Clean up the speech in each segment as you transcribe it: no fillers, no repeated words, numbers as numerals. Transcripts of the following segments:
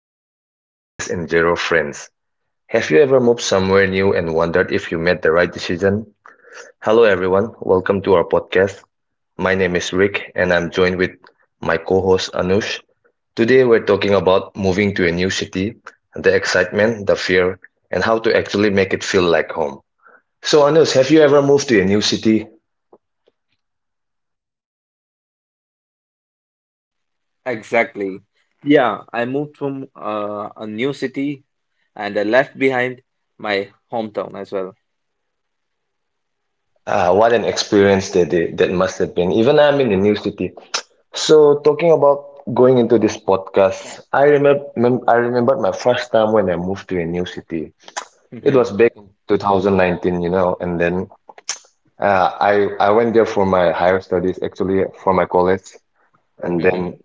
with two suitcases and zero friends. Have you ever moved somewhere new and wondered if you made the right decision? Hello, everyone. Welcome to our podcast. My name is Rick, and I'm joined with my co host Anush. Today, we're talking about moving to a new city, the excitement, the fear, and how to actually make it feel like home. So, Anush, have you ever moved to a new city? Exactly. Yeah, I moved from a new city, and I left behind my hometown as well. Ah, what an experience that that must have been. Even I'm in a new city. So talking about going into this podcast, I remember my first time when I moved to a new city. It Hmm. was back in 2019, and then I went there for my higher studies, actually for my college, and then Hmm.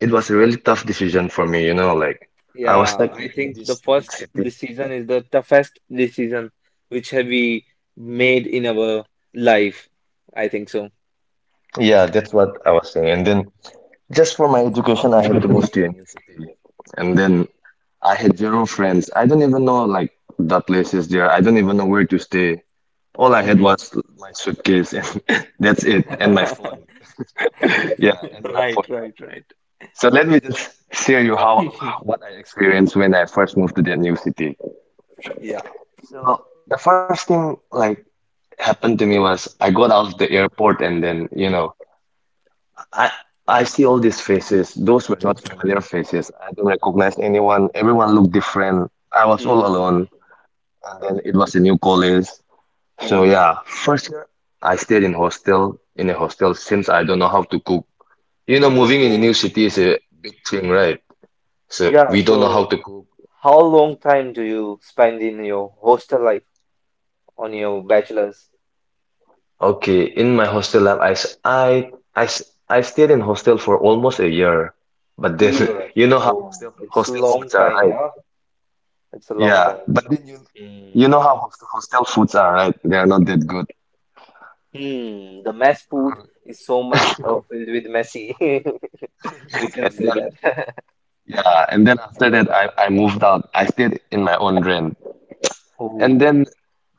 it was a really tough decision for me, you know, like I was stuck Yeah, in, I in think the this big first city. decision is the toughest decision which have we made in our life. I think so. Yeah, that's what I was saying. And then just for my education, I had to move to a new city. And then I had zero friends. I don't even know like the places there. I don't even know where to stay. All I had was Mhm. my suitcase and that's it, and my phone. Yeah, and my Right, phone. right, right. So let me just share you how what I experienced when I first moved to that new city. Yeah. So the first thing like happened to me was I got out of the airport and then, you know, I I see all these faces. Those were not familiar faces. I don't recognize anyone. Everyone looked different. I was all Mm. alone. And then it was a new college. So Mm. yeah, first year I stayed in hostel in a hostel since I don't know how to cook. You know, moving in a new Oh. city is a big thing, right? So Yeah, we don't know how so to cook. how long time do you spend in your hostel life? On your bachelor's Okay, in my hostel life, I stayed in hostel for almost a year, but then year. you know how Oh, hostel it's a hostel long foods are, time, right? yeah. It's a long Yeah, time. but then you Hmm. know how hostel foods are, right? They are not that good. Hmm. The mess food is so much filled with messy. We can And say then that. yeah, and then after that, I moved out. I stayed in my own rent, and then Oh.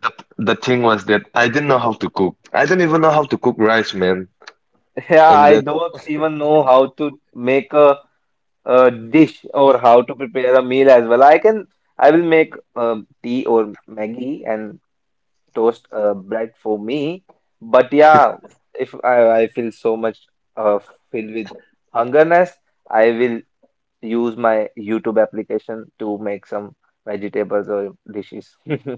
The the thing was that I didn't know how to cook. I don't even know how to cook rice, man. Yeah, And I then don't even know how to make a dish, or how to prepare a meal as well. I can, I will make tea or Maggie and toast bread for me. But yeah, if I feel so much uh, filled with hungerness, I will use my YouTube application to make some vegetables or dishes.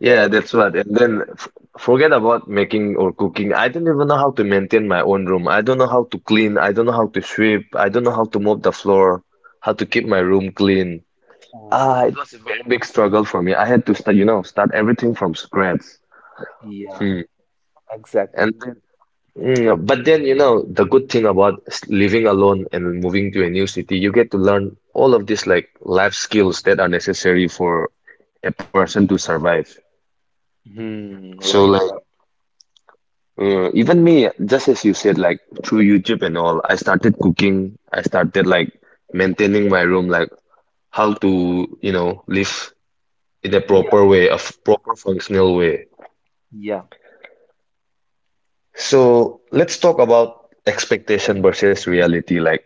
yeah, that's what. And then f Forget about making or cooking. I don't even know how to maintain my own room. I don't know how to clean. I don't know how to sweep. I don't know how to mop the floor. How to keep my room clean. Ah, Um, it was a very big struggle for me. I had to start, you know, start everything from scratch. yeah, Hmm. And exactly. then but then, you know, the good thing about living alone and moving to a new city, you get to learn all of these like life skills that are necessary for a person to survive. Hmm, So right, like right. Even me, just as you said, like through YouTube and all, I started cooking. I started like maintaining my room, like how to, you know, live in a Yeah, proper way, a proper functional way. yeah. So let's talk about expectation versus reality. Like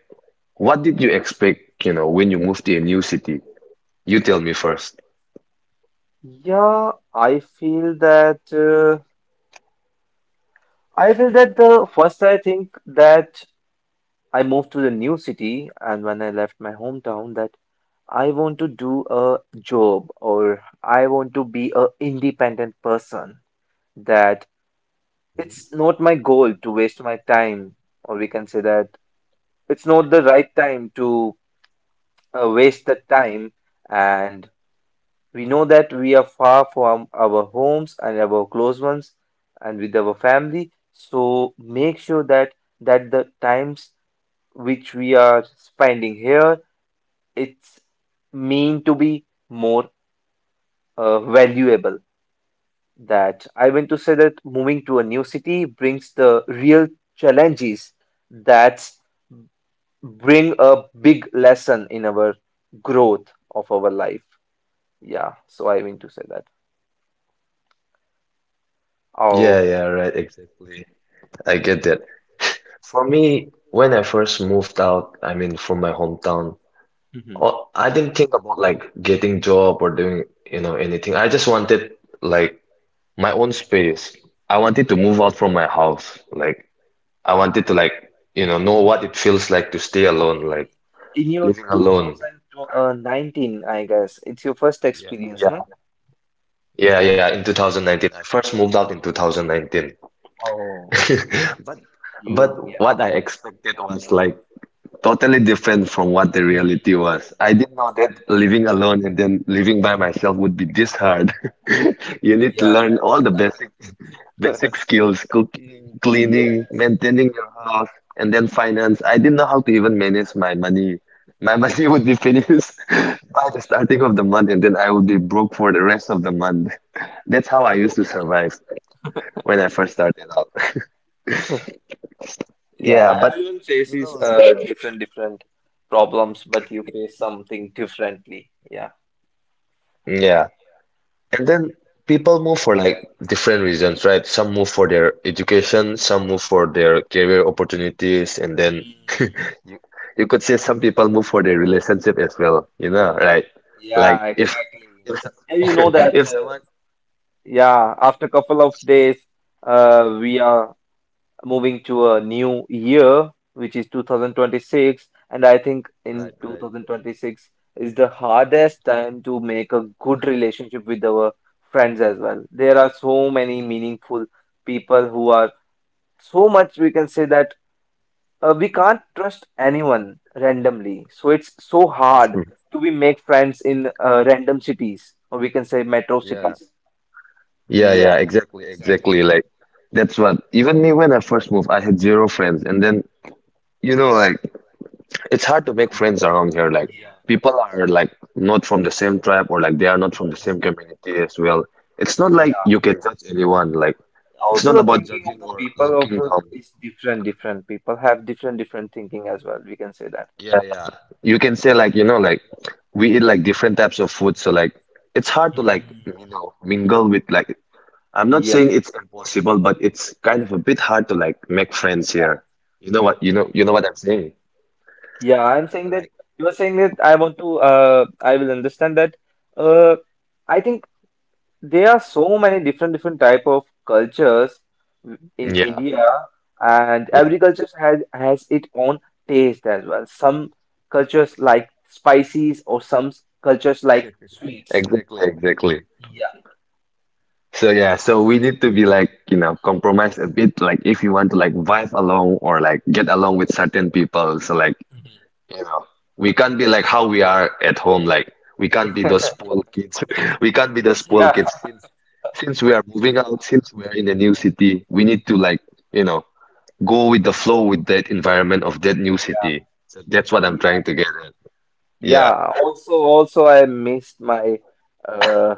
what did you expect, you know, when you moved to a new city? You tell me first. Yeah, I feel that the first I think that I moved to the new city, and when I left my hometown, that I want to do a job, or I want to be a independent person. That Mhm. it's not my goal to waste my time, or we can say that it's not the right time to waste the time. And we know that we are far from our homes and our close ones, and with our family. So make sure that the times which we are spending here, it's mean to be more valuable. That I want to say that moving to a new city brings the real challenges that bring a big lesson in our growth of our life. Yeah, so I want to say that. Yeah, Oh, yeah, right, exactly. I get that. For me, when I first moved out, I mean, from my hometown, mm-hmm. oh, I didn't think about like getting job or doing, you know, anything. I just wanted like my own space. I wanted to move out from my house. Like I wanted to like, you know what it feels like to stay alone, like Okay. In your living alone. 2019, I guess it's your first Yeah, experience, yeah, no? yeah, yeah. Oh, In 2019, I first moved out in 2019. oh, But you, but yeah, what I expected was like totally different from what the reality was. I didn't know that living alone and then living by myself would be this hard. You need to learn all yeah, the basic skills, cooking, yeah, cleaning, yes. maintaining your house, and then finance. I didn't know how to even manage my money. My money would be finished by the starting of the month, and then I would be broke for the rest of the month. That's how I used to survive when I first started out. Yeah, Yeah, but everyone you know, faces like different different problems, but you face something differently. Yeah. yeah. And then people move for like different reasons, right? Some move for their education, some move for their career opportunities, and then you, Mm. you could say some people move for their relationship as well, you know, right? Like Yeah, exactly. if so- And you know that, if someone yeah, after couple of days, we are moving to a new year, which is 2026. And I think right, in right. 2026 is the hardest time to make a good relationship with our friends as well. There are so many meaningful people who are so much, we can say that we can't trust anyone randomly, so it's so hard to we make friends in random cities, or we can say metro Yeah. cities. Yeah, yeah, Yeah. exactly, exactly. Like that's what even me when I first moved, I had zero friends and then you know like it's hard to make friends around here. Like people are like not from the same tribe or like they are not from the same community as well. It's not like Yeah. you can judge anyone. Like it's Also, not the about thinking of judging the or people of looking the down. is different different people have different different thinking as well, we can say that. Yeah, yeah. You can say like, you know, like we eat like different types of food, so like it's hard to like, you know, mingle with like I'm not Yeah, saying it's impossible, but it's kind of a bit hard to like make friends here. You know what I'm saying? yeah, I'm saying that Like, you are saying that I want to I will understand that uh I think there are so many different different type of cultures in yeah, India, and yeah, every culture has its own taste as well. Some cultures like spices, or some cultures like sweets. exactly, exactly. So yeah, so we need to be like, you know, compromise a bit, like if you want to like vibe along or like get along with certain people. So like, you know, we can't be like how we are at home. Like we can't be those spoiled kids. We can't be the spoiled Yeah, kids since we are moving out, yeah, since we are in a new city, we need to like, you know, go with the flow with that environment of that new city. So that's what I'm yeah, trying to yeah, get yeah. at. Yeah. Yeah, also, I missed my uh,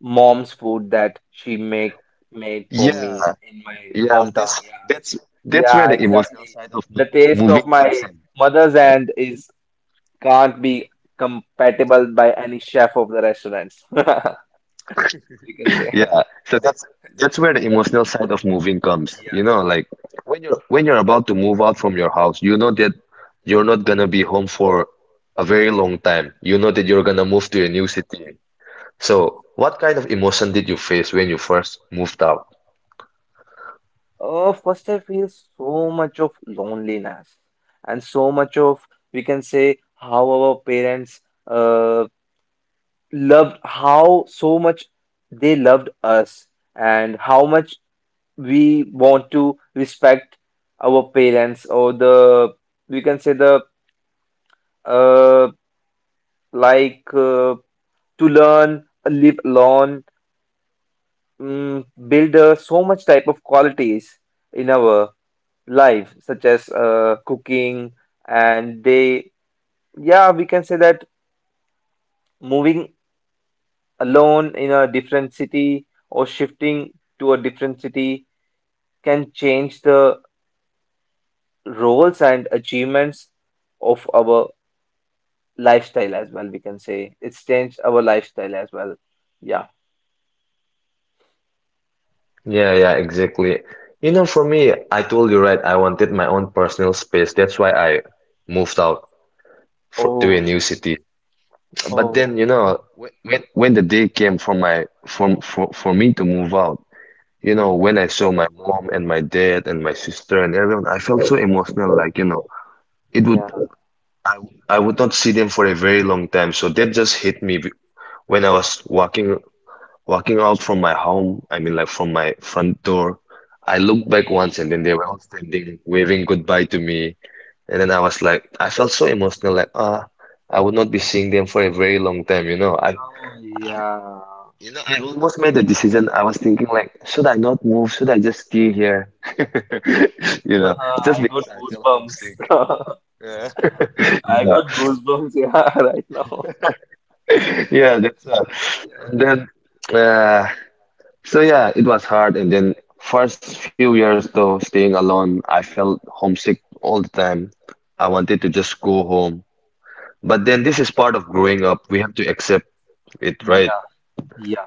mom's food that she make made for Yeah. me in my Yeah. hometown. Yeah, That's yeah, where the emotional exactly. side of The taste of moving my comes in. mother's hand is can't be compatible by any chef of the restaurants. You can say. Yeah, so that's where the emotional side of moving comes. You know, like when you're about to move out from your house, you know that you're not gonna be home for a very long time. You know that you're gonna move to a new city. So, what kind of emotion did you face when you first moved out? Oh, first I feel so much of loneliness, and so much of we can say how our parents uh, loved, how so much they loved us, and how much we want to respect our parents, or the we can say the uh, like uh, to learn live alone, build so much type of qualities in our life, such as cooking, and they, yeah, we can say that moving alone in a different city, or shifting to a different city, can change the roles and achievements of our lifestyle as well. We can say it's changed our lifestyle as well. Yeah. Yeah, yeah, exactly. You know, for me, I told you right, I wanted my own personal space. That's why I moved out for, to a Oh, new city. But oh, then, you know, when when the day came for my for me to move out, you know, mhm. when I saw my mom and my dad and my sister and everyone, I felt so emotional. Like, you know, it would, Yeah, I, I would not see them for a very long time. So that just hit me when I was walking out from my home. I mean, like from my front door. I looked back once and then they were all standing, waving goodbye to me. And then I was like, I felt so emotional. Like, ah, I would not be seeing them for a very long time. You know, I almost made the decision. I was thinking like, should I not move? Should I just stay here? You know, just because I feel homesick. You I know, got goosebumps, yeah, right now. yeah, that's and then uh, so yeah, it was hard. And then first few years though, staying alone, I felt homesick all the time. I wanted to just go home. But then this is part of growing up. We have to accept it, right? Yeah,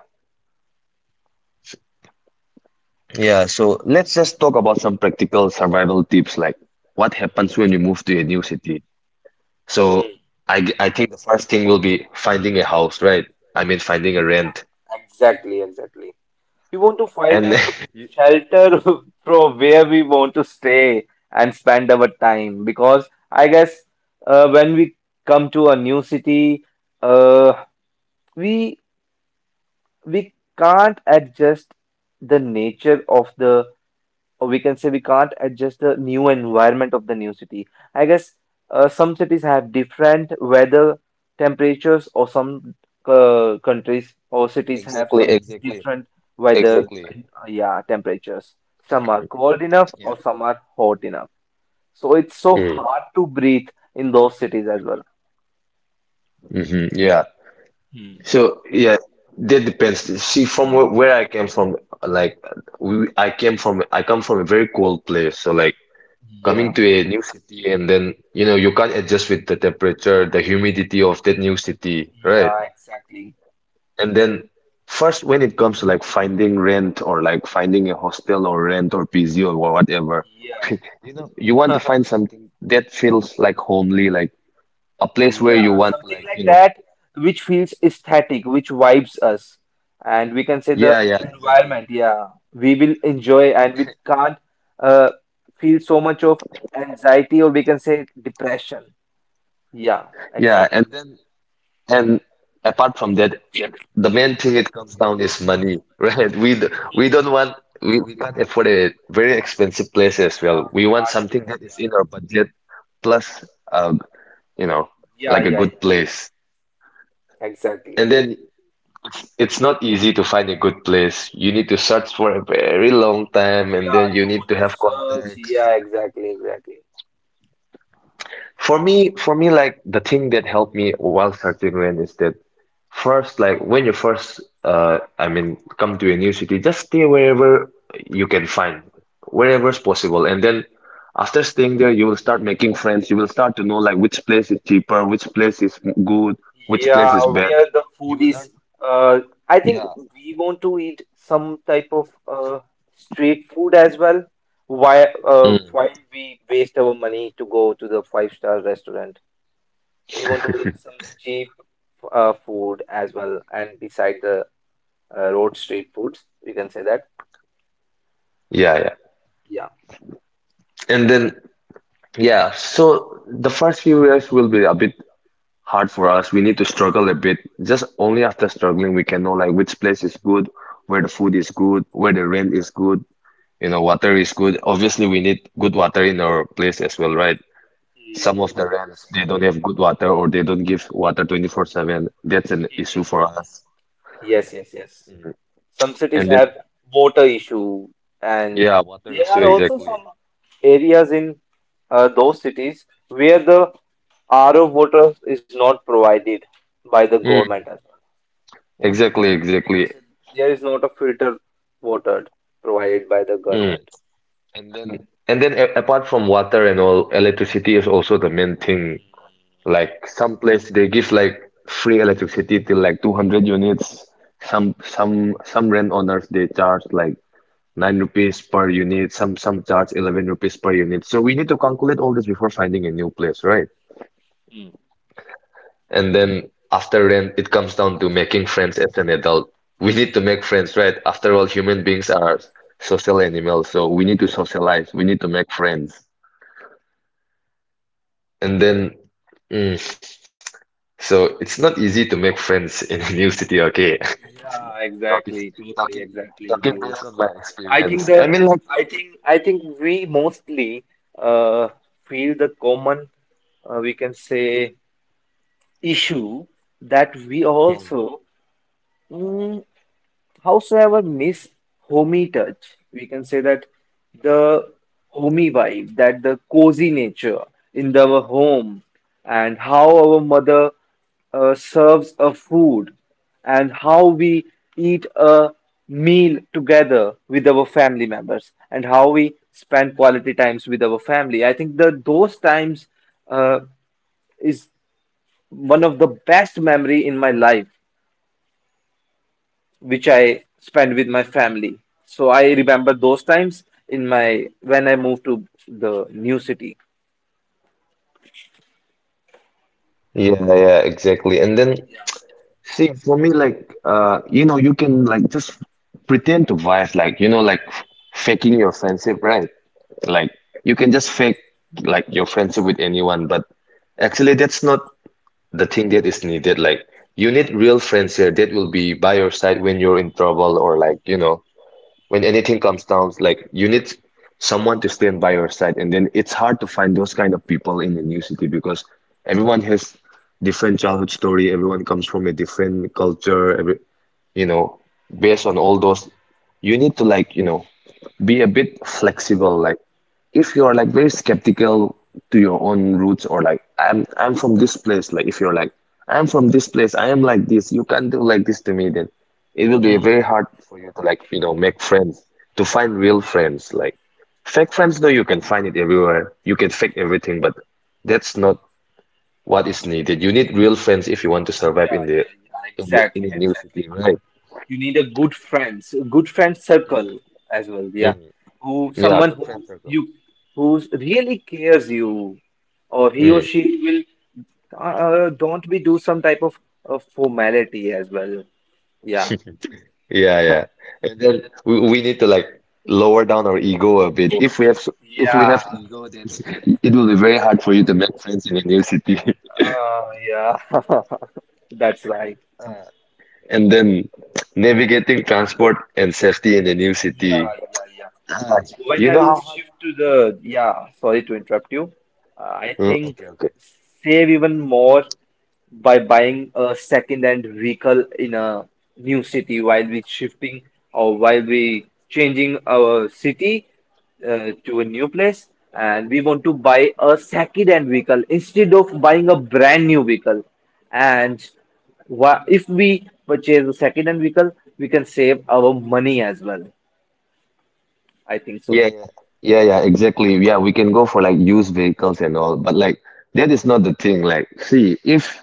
Yeah, so let's just talk about some practical survival tips like what happens when you move to a new city. So I think the first thing will be finding a house, right? I mean, finding a rent. exactly, exactly. We want to find And a you, shelter from where we want to stay and spend our time, because I guess when we come to a new city, uh, we we can't adjust the nature of the or we can say we can't adjust the new environment of the new city. I guess some cities have different weather temperatures, or some countries or cities have exactly, some exactly, different weather, exactly. Yeah, temperatures. Some are cold enough, or some are hot enough. So it's so Mm, hard to breathe in those cities as well. hmm yeah. So yeah, that depends. See, where I came from, like we, I came from, I come from a very cold place. So like coming Yeah. to a new city and then, you know, you can't adjust with the temperature, the humidity of that new city, right? And then first, when it comes to like finding rent or like finding a hostel or rent or PZ or whatever, you want to find something that feels like homely, like a place where you Yeah, want. something like that, which feels aesthetic, which vibes us. And we can say the Yeah, yeah, exactly. environment, yeah, we will enjoy, and we can't uh, feel so much of anxiety, or we can say depression. Yeah, Yeah, exactly. and then and apart from that, the main thing it comes down is money, right? We d- we don't want we can't afford a very expensive place as well. We want something that is in our budget plus, um, you know, Yeah, like a yeah, good yeah, yeah, place. exactly. And then It's not easy to find a good place. You need to search for a very long time and then you need to To have search, context. yeah, exactly, exactly. For me, like the thing that helped me while searching rent is that first, like when you first, I mean, come to a new city, just stay wherever you can find, wherever is possible. And then after staying there, you will start making friends. You will start to know like which place is cheaper, which place is good, which Yeah, place is we bad. are the foodies. Uh, I think Yeah. we want to eat some type of street food as well. Why? Mm, While we waste our money to go to the five-star restaurant. We want to eat some cheap food as well, and beside the road street foods, we can say that. yeah, yeah. Yeah. And then yeah, so the first few years will be a bit hard for us. We need to struggle a bit. Just only after struggling we can know like which place is good, where the food is good, where the rent is good, you know, water is good. Obviously, we need good water in our place as well, right? Some of the rents they don't have good water or they don't give water 24/7. That's an issue for us. Yes, yes, yes. Some cities And then have water issue, and yeah, water there issue are also exactly. some areas in those cities where the RO water is not provided by the government as Mm, well. exactly, exactly. There is not a filter water provided by the Mm. government. Apart from water and all, electricity is also the main thing. Like some place they give like free electricity till like 200 units. Some rent owners they charge like 9 rupees per unit. Some charge 11 rupees per unit. So we need to calculate all this before finding a new place, right? Hmm. And then after rent, it comes down to making friends as an adult. We need to make friends, right? After all, human beings are social animals, so we need to socialize. We need to make friends. And then, mm, so it's not easy to make friends in a new city, okay? Yeah, exactly, totally, exactly with Talking you. based on my I think experience. I the mean, like, I think we mostly uh, feel the common we can say issue that we also Mm, howsoever miss homey touch, we can say that the homey vibe, that the cozy nature in our home, and how our mother serves a food, and how we eat a meal together with our family members, and how we spend quality times with our family. I think that those times uh, is one of the best memory in my life, which I spend with my family. So I remember those times in my when I moved to the new city. yeah, exactly. And see, for me, you can like just pretend to vibe, like, you know, like faking your friendship, right? Like, you can just fake like your friendship with anyone, but actually, that's not the thing that is needed. Like, you need real friends here that will be by your side when you're in trouble or like, you know, when anything comes down, like you need someone to stand by your side, and then it's hard to find those kind of people in a new city because everyone has different childhood story, everyone comes from a different culture, every you know, based on all those, you need to like, you know, be a bit flexible, like if you're like very skeptical to your own roots or like I'm from this place, like if you're like I'm from this place, I am like this, you can't do like this to me, then it will be Hmm. very hard for you to like, you know, make friends, to find real friends. Like fake friends though you can find it everywhere. You can fake everything, but that's not what is needed. You need real friends if you want to survive Yeah, in the yeah, yeah. in the in Exactly, the new city, exactly. right? You need a good friends, a good friend circle as well. Yeah, Mm, who yeah. someone who really cares you, or he or Mm. she will don't be do some type of formality as well. Yeah, Yeah, yeah. And then we need to like lower down our ego a bit. If we have ego, then it will be very hard for you to make friends in a new city. that's right. And then navigating transport and safety in a new city. When You I know will how hard? shift to the, yeah, sorry to interrupt you. Uh, I Mm, think okay. save even more by buying a second-hand vehicle in a new city while we shifting, or while we changing our city to a new place, and we want to buy a second-hand vehicle instead of buying a brand new vehicle. And if we purchase a second-hand vehicle, we can save our money as well. I think so. Yeah, yeah, yeah, exactly. Yeah, we can go for like used vehicles and all, but like that is not the thing. Like, see, if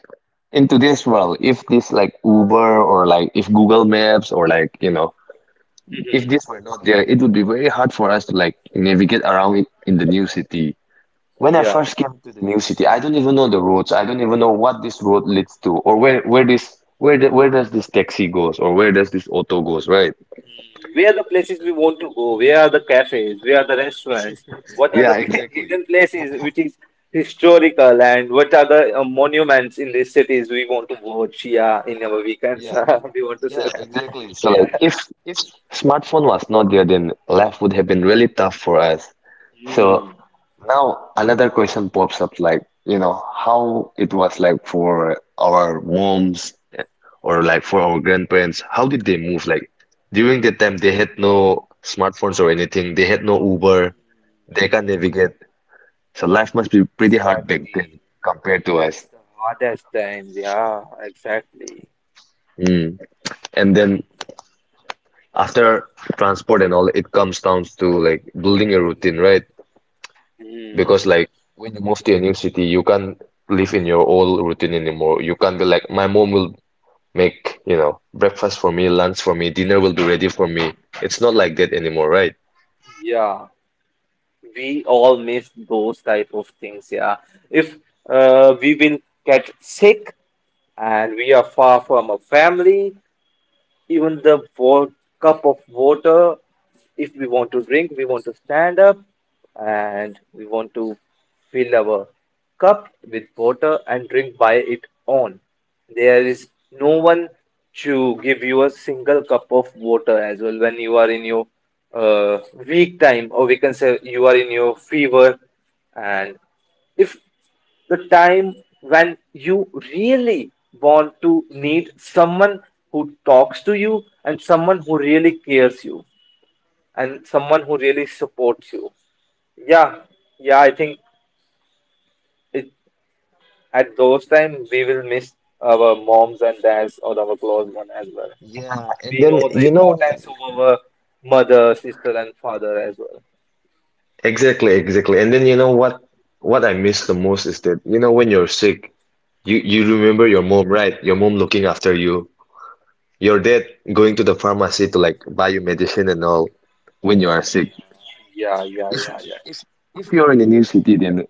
in today's world, if this like Uber or like if Google Maps or like, you know, if this were not there, it would be very hard for us to like navigate around it in the new city. When I Yeah. first came to the new city, I don't even know the roads. I don't even know what this road leads to, or where does this taxi goes, or where does this auto goes, right? Where are the places we want to go? Where are the cafes? Where are the restaurants? What are Yeah, the exactly. hidden places which is historical, and what are the monuments in these cities we want to watch? Yeah, in our weekends, we want to say Yeah, that. exactly. So like if smartphone was not there, then life would have been really tough for us. So Hmm, now another question pops up, like, you know, how it was like for our moms or like for our grandparents, how did they move? Like during that time, they had no smartphones or anything. They had no Uber. They can't navigate. So life must be pretty hard back then compared to us. that's the hardest time. Yeah, exactly. Mm. And then after transport and all, it comes down to like building a routine, right? Because like when you move to a new city, you can't live in your old routine anymore. You can't be like, my mom will make, you know, breakfast for me, lunch for me, dinner will be ready for me. It's not like that anymore, right? We all miss those type of things. Yeah, if we will get sick, and we are far from our family, even the cup of water, if we want to drink, we want to stand up, and we want to fill our cup with water and drink by it, on there is no one to give you a single cup of water as well when you are in your uh, weak time, or we can say you are in your fever, and if the time when you really want to need someone who talks to you, and someone who really cares you, and someone who really supports you. Yeah, yeah, I think it, at those times, we will miss our moms and dads, or our close one as well. Yeah, and We then know the you know importance of our mother, sister, and father as well. exactly, exactly. And then you know what I miss the most is that you know when you're sick, you remember your mom, right? Your mom looking after you. Your dad going to the pharmacy to like buy you medicine and all when you are sick. Yeah, yeah, If yeah, yeah, if if you're in a new city, then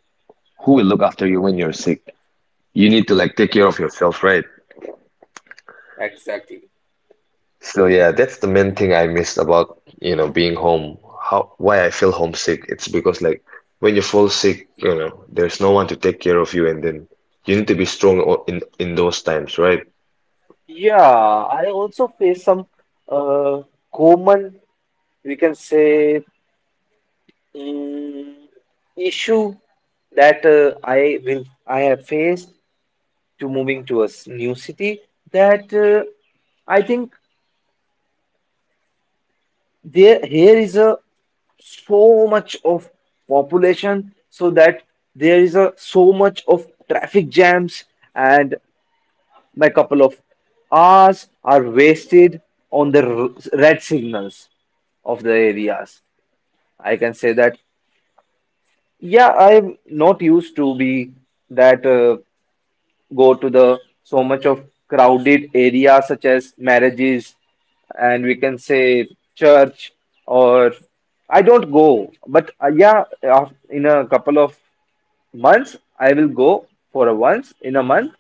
who will look after you when you're sick? You need to like take care of yourself, right? exactly. So yeah, that's the main thing I miss about, you know, being home. How, why I feel homesick, it's because like when you fall sick, you know, there's no one to take care of you and then you need to be strong in those times, right? Yeah, I also face some uh, common, we can say, mm, issue that I have faced to moving to a new city, that I think there here is a so much of population, so that there is a so much of traffic jams, and my couple of hours are wasted on the red signals of the areas. I can say that. Yeah, I'm not used to be that go to the so much of crowded areas, such as marriages, and we can say church, or I don't go. But yeah, in a couple of months, I will go for a once in a month,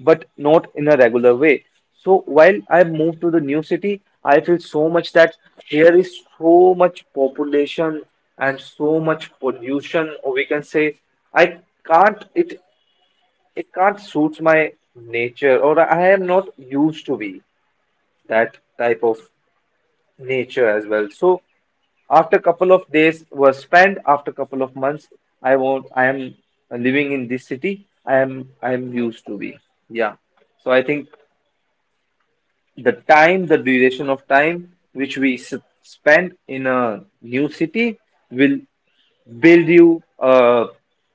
but not in a regular way. So while I move to the new city, I feel so much that here is so much population and so much pollution, or we can say I can't it it can't suit my nature, or I am not used to be that type of nature as well. So after couple of days were spent, after couple of months, I won't. I am living in this city. I am used to be. Yeah. So I think the time, the duration of time which we spend in a new city will build you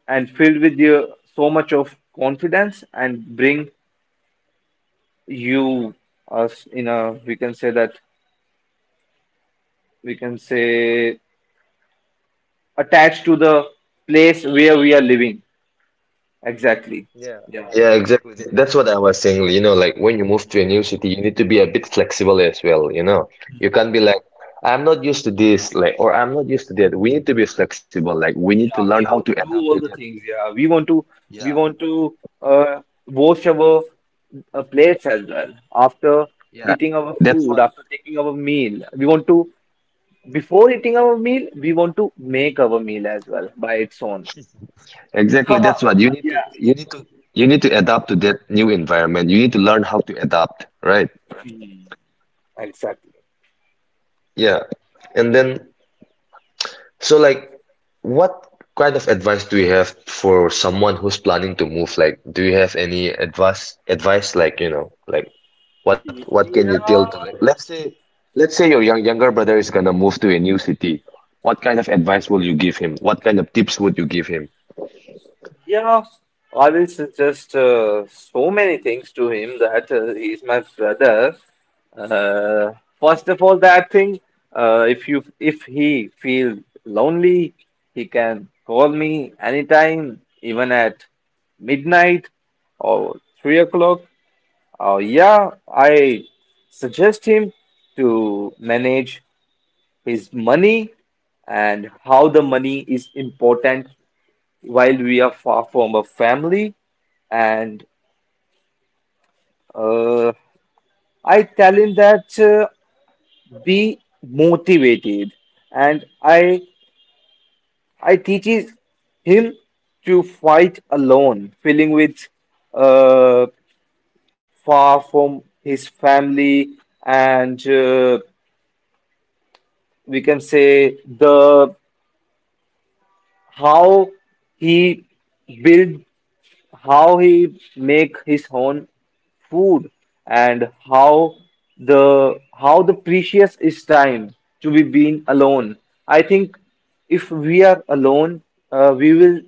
and filled with you so much of confidence, and bring you us in a we can say attached to the place where we are living, exactly. Yeah, exactly. Th- That's what I was saying, you know, like when you move to a new city, you need to be a bit flexible as well, you know. You can't be like, I'm not used to this, like, or I'm not used to that. We need to be flexible, like we need to Yeah, learn we how to want to do adapt to all that. the things. Yeah, we want to wash our plates as well after Yeah, eating our that's food, what after taking our meal. We want to Before eating our meal, we want to make our meal as well by its own. exactly. That's what you need to Yeah. you need to you need to adapt to that new environment. You need to learn how to adapt, right? Hmm, exactly. Yeah. And then so like what kind of advice do you have for someone who's planning to move? Like do you have any advice like, you know, like what can you Yeah, tell to like let's say your younger brother is gonna move to a new city. What kind of advice will you give him? What kind of tips would you give him? yeah, I will suggest so many things to him, that he's my brother. Uh, First of all, that thing, if he feel lonely, he can call me anytime, even at midnight or 3 o'clock. Yeah, I suggest him to manage his money, and how the money is important while we are far from a family. And uh, I tell him that be motivated. And I teaches him to fight alone, feeling with uh, far from his family, and we can say the how he build how he make his own food, and how the precious is time to be being alone. I think if we are alone, we will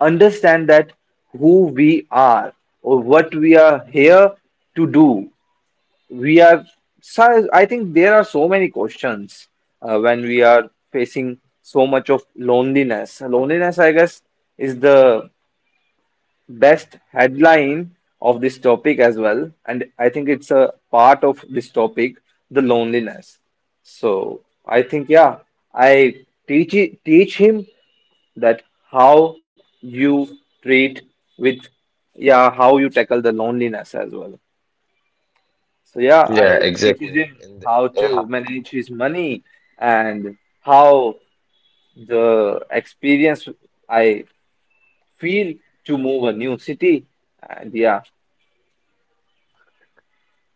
understand that who we are, or what we are here to do. We are So I think there are so many questions, when we are facing so much of loneliness. Loneliness, I guess, is the best headline of this topic as well, and I think it's a part of this topic, the loneliness. So I think, yeah, I teach him that how you treat with yeah, how you tackle the loneliness as well. So yeah, Yeah, I teaches exactly. him And how to manage his money, and how the experience I feel to move a new city, and yeah.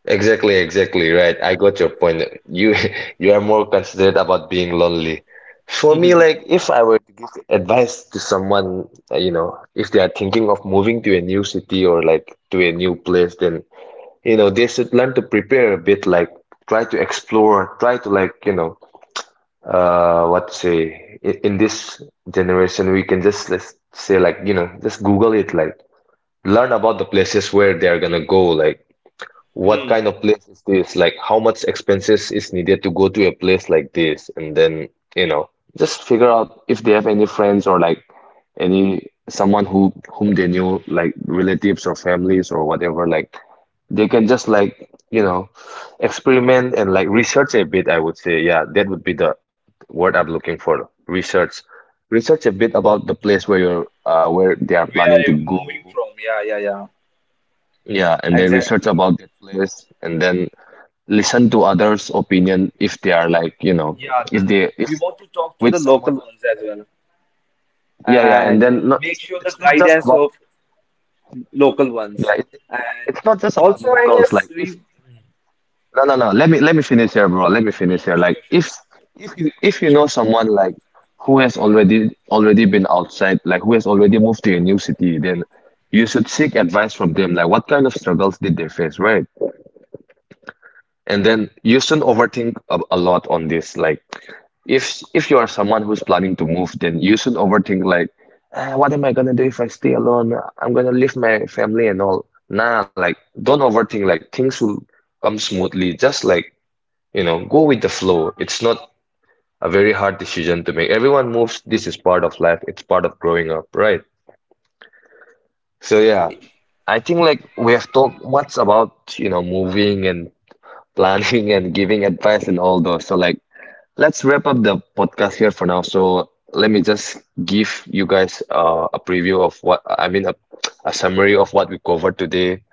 exactly, exactly right. I got your point. You you are more considerate about being lonely. For me, like if I were to give advice to someone, you know, if they are thinking of moving to a new city or like to a new place, then you know they should learn to prepare a bit, like try to explore, try to like you know, what to say. In this generation, we can just let's say like you know, just Google it, like learn about the places where they are gonna go, like what kind of place is this? Like, how much expenses is needed to go to a place like this? And then, you know, just figure out if they have any friends or like any someone who whom they knew, like relatives or families or whatever. Like, they can just like, you know, experiment and like research a bit, I would say. Yeah, that would be the word I'm looking for. Research. Research a bit about the place where they are planning to go. Yeah, and then research Exactly. about that place and then listen to others' opinion if they are like, you know, if they if We want to talk to with the someone. local ones as well, Yeah, yeah, and and then not make it's sure the it's not just guidance about of local yeah, ones. it, And it's not just about also, I locals. guess Like if we. no no no, let me finish here, bro. Let me finish here. Like if you know someone like who has already been outside, like who has already moved to a new city, then you should seek advice from them. Like what kind of struggles did they face, right? And then you shouldn't Exactly. overthink a lot on this. Like, if you are someone who's planning to move, then you shouldn't overthink like, "Ah, what am I gonna do if I stay alone? I'm gonna leave my family and all." Nah, like, don't overthink. Like, things will come smoothly. Just like, you know, go with the flow. It's not a very hard decision to make. Everyone moves. This is part of life. It's part of growing up, right? So yeah, Exactly. I think like we have talked much about, you know, moving and planning and giving advice and all those. So like let's wrap up the podcast here for now. So let me just give you guys a preview of what I mean a summary of what we covered today.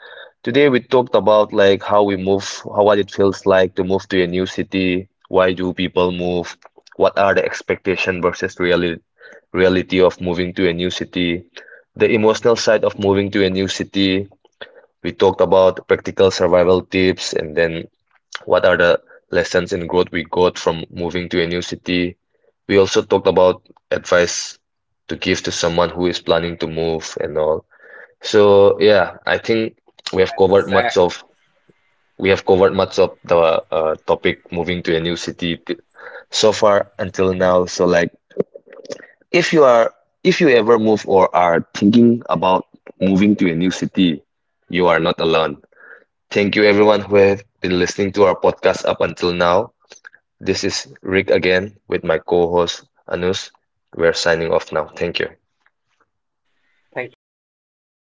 Today we talked about like how we move, how what it feels like to move to a new city, why do people move, what are the expectation versus reality of moving to a new city, the emotional side of moving to a new city. We talked about practical survival tips and then what are the lessons in growth we got from moving to a new city? We also talked about advice to give to someone who is planning to move and all. So yeah, I think we have covered much Exactly. of we have covered much of the topic moving to a new city t- so far until now. So like if you are if you ever move or are thinking about moving to a new city, you are not alone. Thank you everyone who have been listening to our podcast up until now. This is Rick again with my co-host Anus. We're signing off now. Thank you. Thank you so much